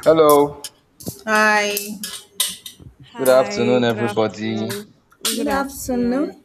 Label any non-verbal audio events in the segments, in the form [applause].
Hello, Hi. good Hi, afternoon, good everybody. afternoon. Good Good afternoon. afternoon.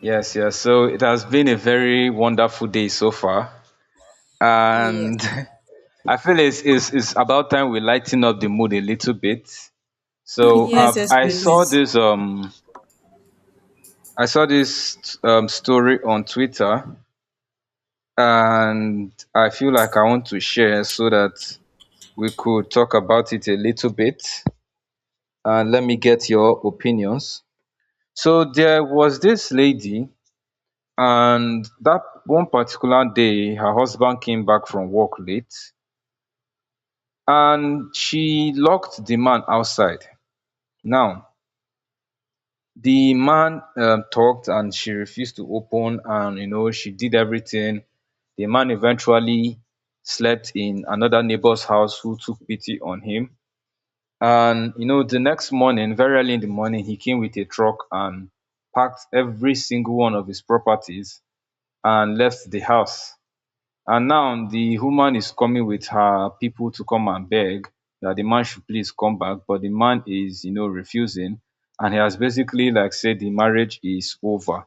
Yes. So it has been a very wonderful day so far, Yes, and [laughs] I feel it's about time we lighten up the mood a little bit. It's yes, I necessary, please. saw please. this story on Twitter, and I feel like I want to share so that we could talk about it a little bit. And let me get your opinions. So there was this lady, and that one particular day her husband came back from work late and she locked the man outside. Now the man, talked, and she refused to open, and you know she did everything. The man eventually slept in another neighbor's house who took pity on him, and you know the next morning, very early in the morning, he came with a truck and packed every single one of his properties and left the house. And now the woman is coming with her people to come and beg that the man should please come back, but the man is, you know, refusing, and he has basically like said the marriage is over.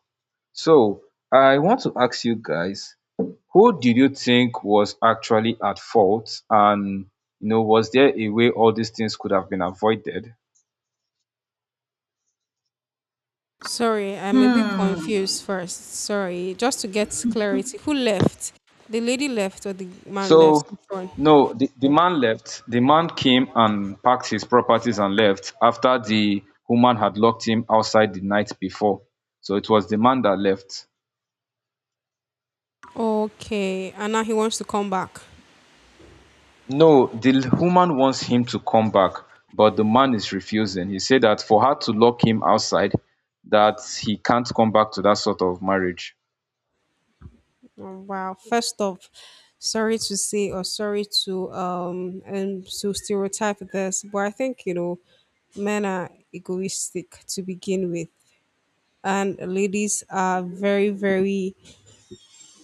So I want to ask you guys, who did you think was actually at fault, and you know was there a way all these things could have been avoided? Sorry, I'm a bit Hmm. confused first. Sorry, just to get clarity. Who left? The lady left or the man left? So, Which one? no, the man left. The man came and packed his properties and left after the woman had locked him outside the night before. So it was the man that left. Okay, and now he wants to come back. No, the woman wants him to come back, but the man is refusing. He said that for her to lock him outside, that he can't come back to that sort of marriage. Oh, wow. First off, sorry to say or sorry to and to stereotype this, but I think you know men are egoistic to begin with, and ladies are very very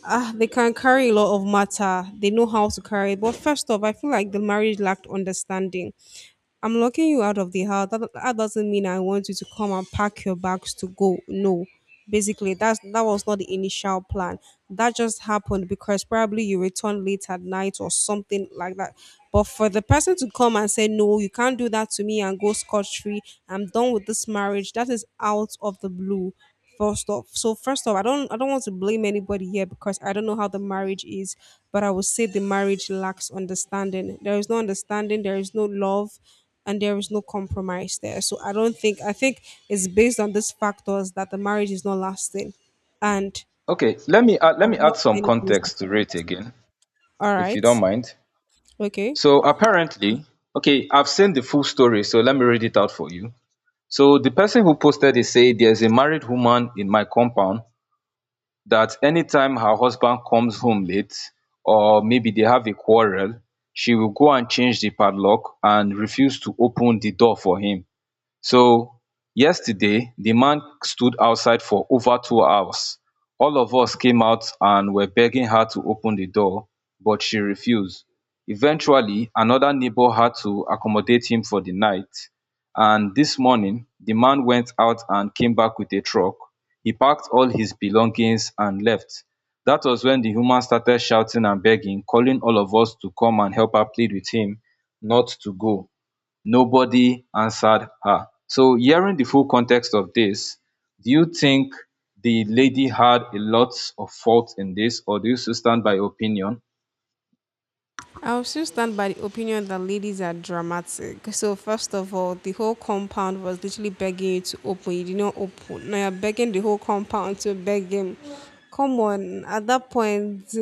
Ah, they can carry a lot of matter. They know how to carry it. But first off, I feel like the marriage lacked understanding. I'm locking you out of the house. That doesn't mean I want you to come and pack your bags to go. No. Basically, that was not the initial plan. That just happened because probably you returned late at night or something like that. But for the person to come and say, no, you can't do that to me and go scot free, I'm done with this marriage, that is out of the blue. First off, so first off, I don't want to blame anybody here because I don't know how the marriage is, but I would say the marriage lacks understanding. There is no understanding, there is no love, and there is no compromise there. So I don't think I think it's based on these factors that the marriage is not lasting, and Okay, I let me would add not some say anybody's at context to it fault. again, All if you right, don't mind. okay. So apparently, okay, I've seen the full story, so let me read it out for you. So the person who posted it say there's a married woman in my compound that anytime her husband comes home late or maybe they have a quarrel, she will go and change the padlock and refuse to open the door for him. So yesterday the man stood outside for over two hours. All of us came out and were begging her to open the door, but she refused. Eventually another neighbour had to accommodate him for the night, and this morning the man went out and came back with a truck. He packed all his belongings and left. That was when the woman started shouting and begging, calling all of us to come and help her plead with him not to go. Nobody answered her. So hearing the full context of this, do you think the lady had a lot of fault in this, or do you still stand by your opinion? I'll still stand by the opinion that ladies are dramatic. So first of all, the whole compound was literally begging you to open. You did not open. Now you're begging the whole compound to beg him. Come on. At that point,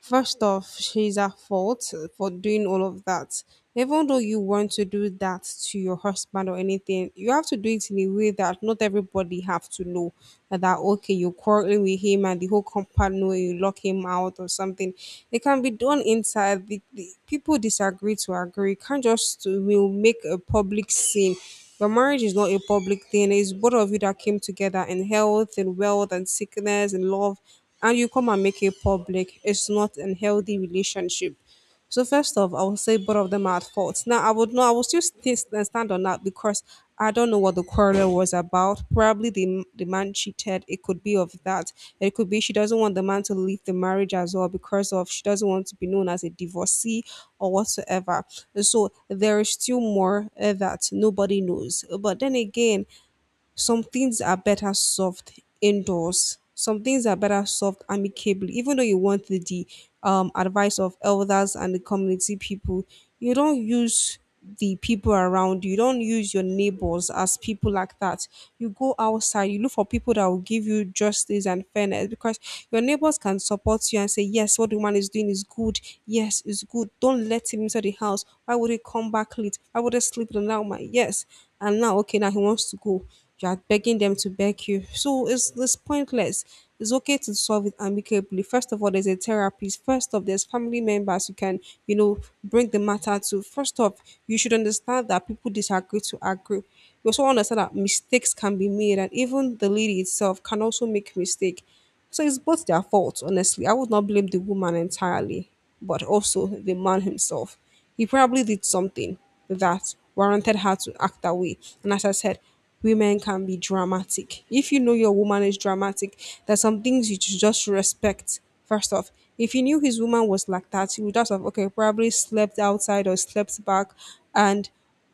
first off, she's at fault for doing all of that even though you want to do that to your husband or anything, you have to do it in a way that not everybody have to know that, okay, you're quarreling with him and the whole compound know you lock him out or something. It can be done inside. The people disagree to agree. You can't just will make a public scene. Your marriage is not a public thing. It's both of you that came together in health and wealth and sickness and love, and you come and make it public. It's not a healthy relationship. So first off, I would say both of them are at fault. Now I would still stand on that because I don't know what the quarrel was about. Probably the man cheated. It could be of that. It could be she doesn't want the man to leave the marriage as well because of she doesn't want to be known as a divorcee or whatsoever. So there is still more that nobody knows. But then again, some things are better solved indoors. Some things are better solved amicably, even though you want the advice of elders and the community people. You don't use the people around you. You don't use your neighbors as people like that. You go outside. You look for people that will give you justice and fairness because your neighbors can support you and say, "Yes, what the man is doing is good. Yes, it's good. Don't let him inside the house. Why would he come back late? Why would he sleep with another woman? Yes." And now, okay, now he wants to go you are begging them to beg you. So it's pointless. It's okay to solve it amicably. First of all, there's a therapist. First off, there's family members you can, you know, bring the matter to. First off, you should understand that people disagree to agree. You also understand that mistakes can be made and even the lady itself can also make mistake. So it's both their fault, honestly. I would not blame the woman entirely, but also the man himself. He probably did something that warranted her to act that way. And as I said, women can be dramatic. If you know your woman is dramatic, there's some things you should just respect. First off, if you knew his woman was like that, you would just have okay, probably slept outside or slept back and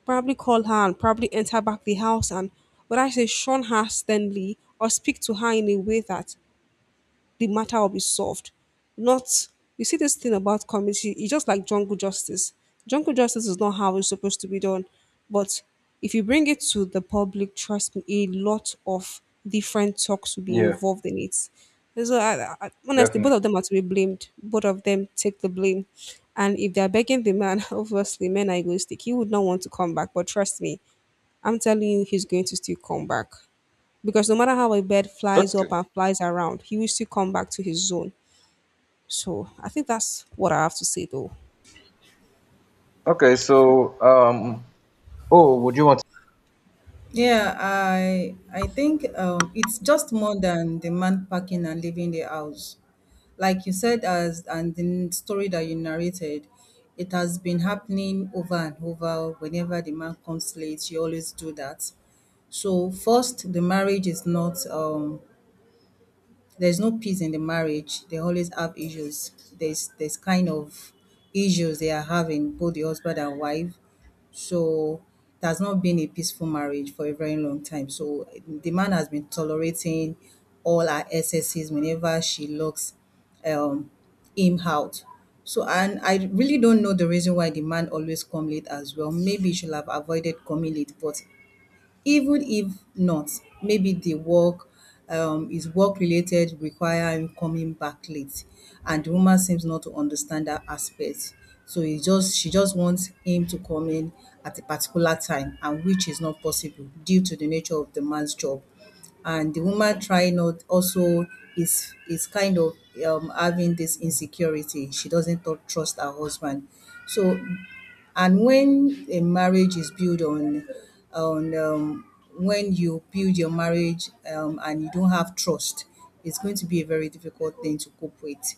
probably call her and probably enter back the house and would I say shun her sternly or speak to her in a way that the matter will be solved. Not, you see, this thing about community, it's just like jungle justice. Jungle justice is not how it's supposed to be done. But if you bring it to the public, trust me, a lot of different talks will be Yeah, involved in it. And so, honestly, both of them definitely. are to be blamed. Both of them take the blame. And if they're begging the man, [laughs] obviously, men are egoistic. He would not want to come back. But trust me, I'm telling you, he's going to still come back because no matter how a bird flies up Okay. and flies around, he will still come back to his zone. So I think that's what I have to say though. Okay, so um oh would you want to Yeah, I think it's just more than the man packing and leaving the house. Like you said as and the story that you narrated, it has been happening over and over. Whenever the man comes late, you always do that. So first, the marriage is not there's no peace in the marriage. They always have issues. There's kind of issues they are having, both the husband and wife. So it has not been a peaceful marriage for a very long time. So the man has been tolerating all her excesses whenever she locks um, him out. So and I really don't know the reason why the man always come late as well. Maybe he should have avoided coming late, but even if not maybe the work is work related require him coming back late, and the woman seems not to understand that aspect. So he just she just wants him to come in at a particular time, and which is not possible due to the nature of the man's job. And the woman trying not also is kind of having this insecurity, she doesn't trust her husband. So and when a marriage is built on when you build your marriage and you don't have trust, it's going to be a very difficult thing to cope with.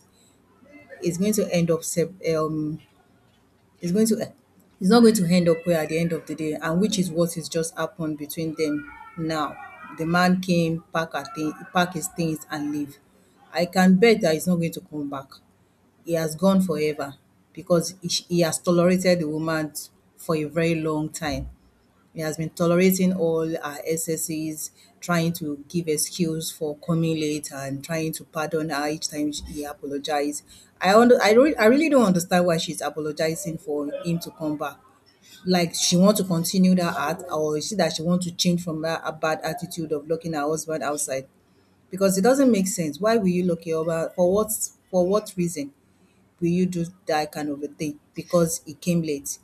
It's going to end up it's going to it's not going to end up well at the end of the day, and which is what has just happened between them. Now the man came, pack his things and leave. I can bet that he's not going to come back. He has gone forever, because he has tolerated the woman for a very long time. He has been tolerating all our excesses, trying to give excuse for coming late and trying to pardon her each time he apologized. I really don't understand why she's apologizing for him to come back. Like she want to continue that art, or is it that she want to change from that a bad attitude of locking her husband outside? Because it doesn't make sense. Why will you lock your husband? For what reason will you do that kind of a thing? Because he came late.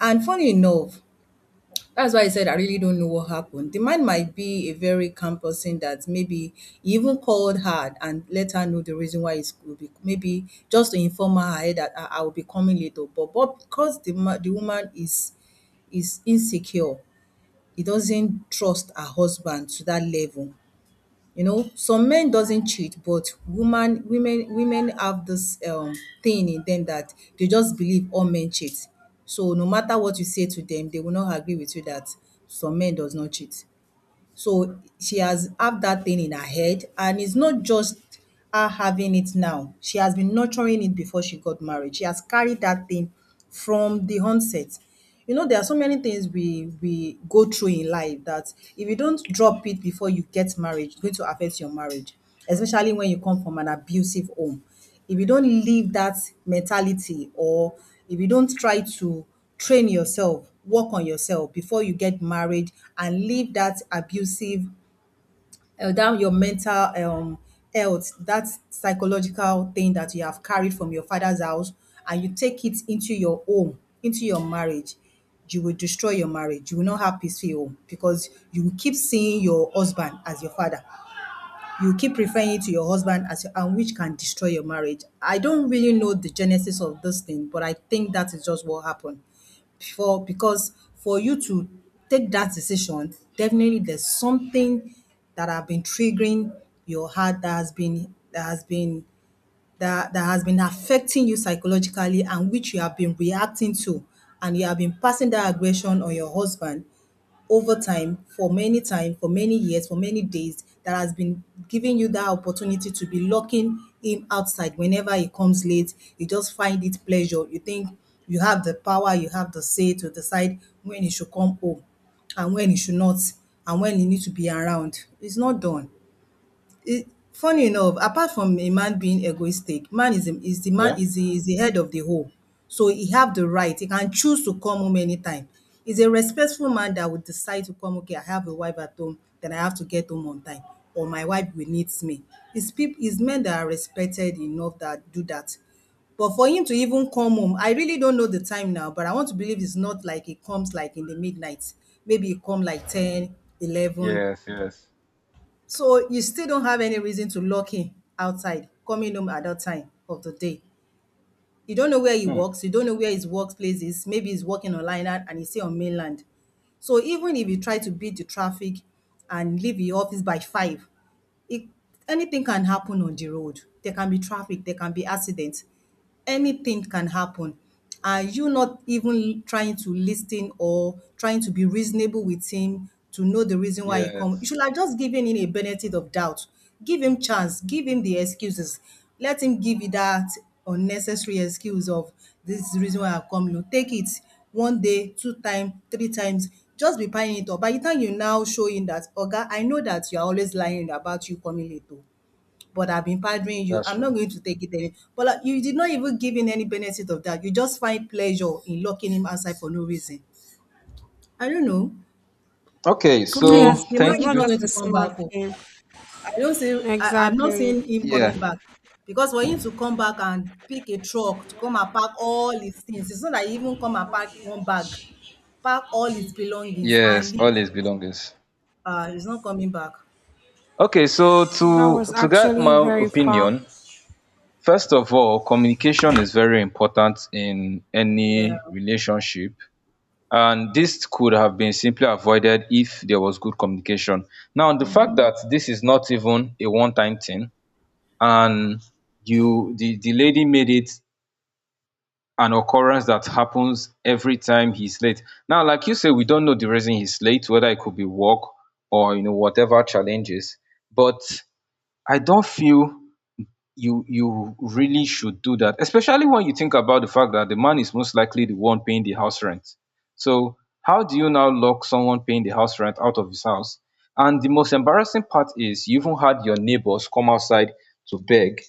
And funny enough, that's why I said I really don't know what happened. The man might be a very calm person that maybe he even called her and let her know the reason why he's will be, maybe just to inform her ahead that I will be coming later. But because the the woman is insecure, he doesn't trust her husband to that level. You know, some men doesn't cheat, but woman women women have this thing in them that they just believe all men cheat. So no matter what you say to them, they will not agree with you that some men does not cheat. So she has have that thing in her head, and it's not just her having it now. She has been nurturing it before she got married. She has carried that thing from the onset. You know, there are so many things we go through in life that if you don't drop it before you get married, it's going to affect your marriage, especially when you come from an abusive home. If you don't leave that mentality, or if you don't try to train yourself, work on yourself before you get married and leave that abusive, that your mental health, that psychological thing that you have carried from your father's house, and you take it into your home, into your marriage, you will destroy your marriage. You will not have peaceful home, because you will keep seeing your husband as your father, you keep referring it to your husband as your, and which can destroy your marriage. I don't really know the genesis of this thing, but I think that is just what happened. For because for you to take that decision, definitely there's something that have been triggering your heart, that has been affecting you psychologically, and which you have been reacting to, and you have been passing that aggression on your husband over time, for many years, for many days, that has been giving you that opportunity to be locking him outside whenever he comes late. You just find it pleasure. You think you have the power, you have the say to decide when he should come home and when he should not, and when he needs to be around. It's not done. It funny enough, apart from a man being egoistic, man Yeah. Is the head of the home. So he have the right. He can choose to come home anytime. He's a respectful man that would decide to come, okay, I have a wife at home, then I have to get home on time, or my wife will need me. It's people, it's men that are respected enough that do that. But for him to even come home, I really don't know the time now, but I want to believe it's not like he comes like in the midnight. Maybe he come like 10, 11. Yes, yes. So you still don't have any reason to lock him outside, coming home at that time of the day. You don't know where he Hmm. works. You don't know where his workplace is. Maybe he's working on line and he's still on mainland. So even if you try to beat the traffic and leave the office by 5, it anything can happen on the road. There can be traffic, there can be accidents. Anything can happen. And you not even trying to listen or trying to be reasonable with him to know the reason why he come. You Yes. should have just given him a benefit of doubt. Give him chance, give him the excuses. Let him give you that unnecessary excuse of this is the reason why I come. You take it one day, 2 times, 3 times, just be buying it up. By the time you now show him that, Oga, I know that you are always lying about you coming late, oh, but I've been pardering you, That's I'm not true. going to take it any. But like, you did not even give him any benefit of that. You just find pleasure in locking him outside for no reason. I don't know. Okay, To And so me, it's, the man it's thank is not you. not just going a to come back. smart Oh. thing. I don't see, I'm not Exactly. seeing him Yeah. coming back. Because for him to come back and pick a truck to come and pack all his things, it's not that he even come and pack one bag, pack all his belongings and Yes, leave. always belongings. He's not coming back. Okay, so to That was to get actually my very opinion, far. first of all, communication is very important in Yeah. any relationship, and this could have been simply avoided if there was good communication. Now the fact that this is not even a one time thing, and you, the lady made it an occurrence that happens every time he's late. Now like you say, we don't know the reason he's late, whether it could be work or you know whatever challenges. But I don't feel you really should do that, especially when you think about the fact that the man is most likely the one paying the house rent. So how do you now lock someone paying the house rent out of his house? And the most embarrassing part is you even had your neighbors come outside to beg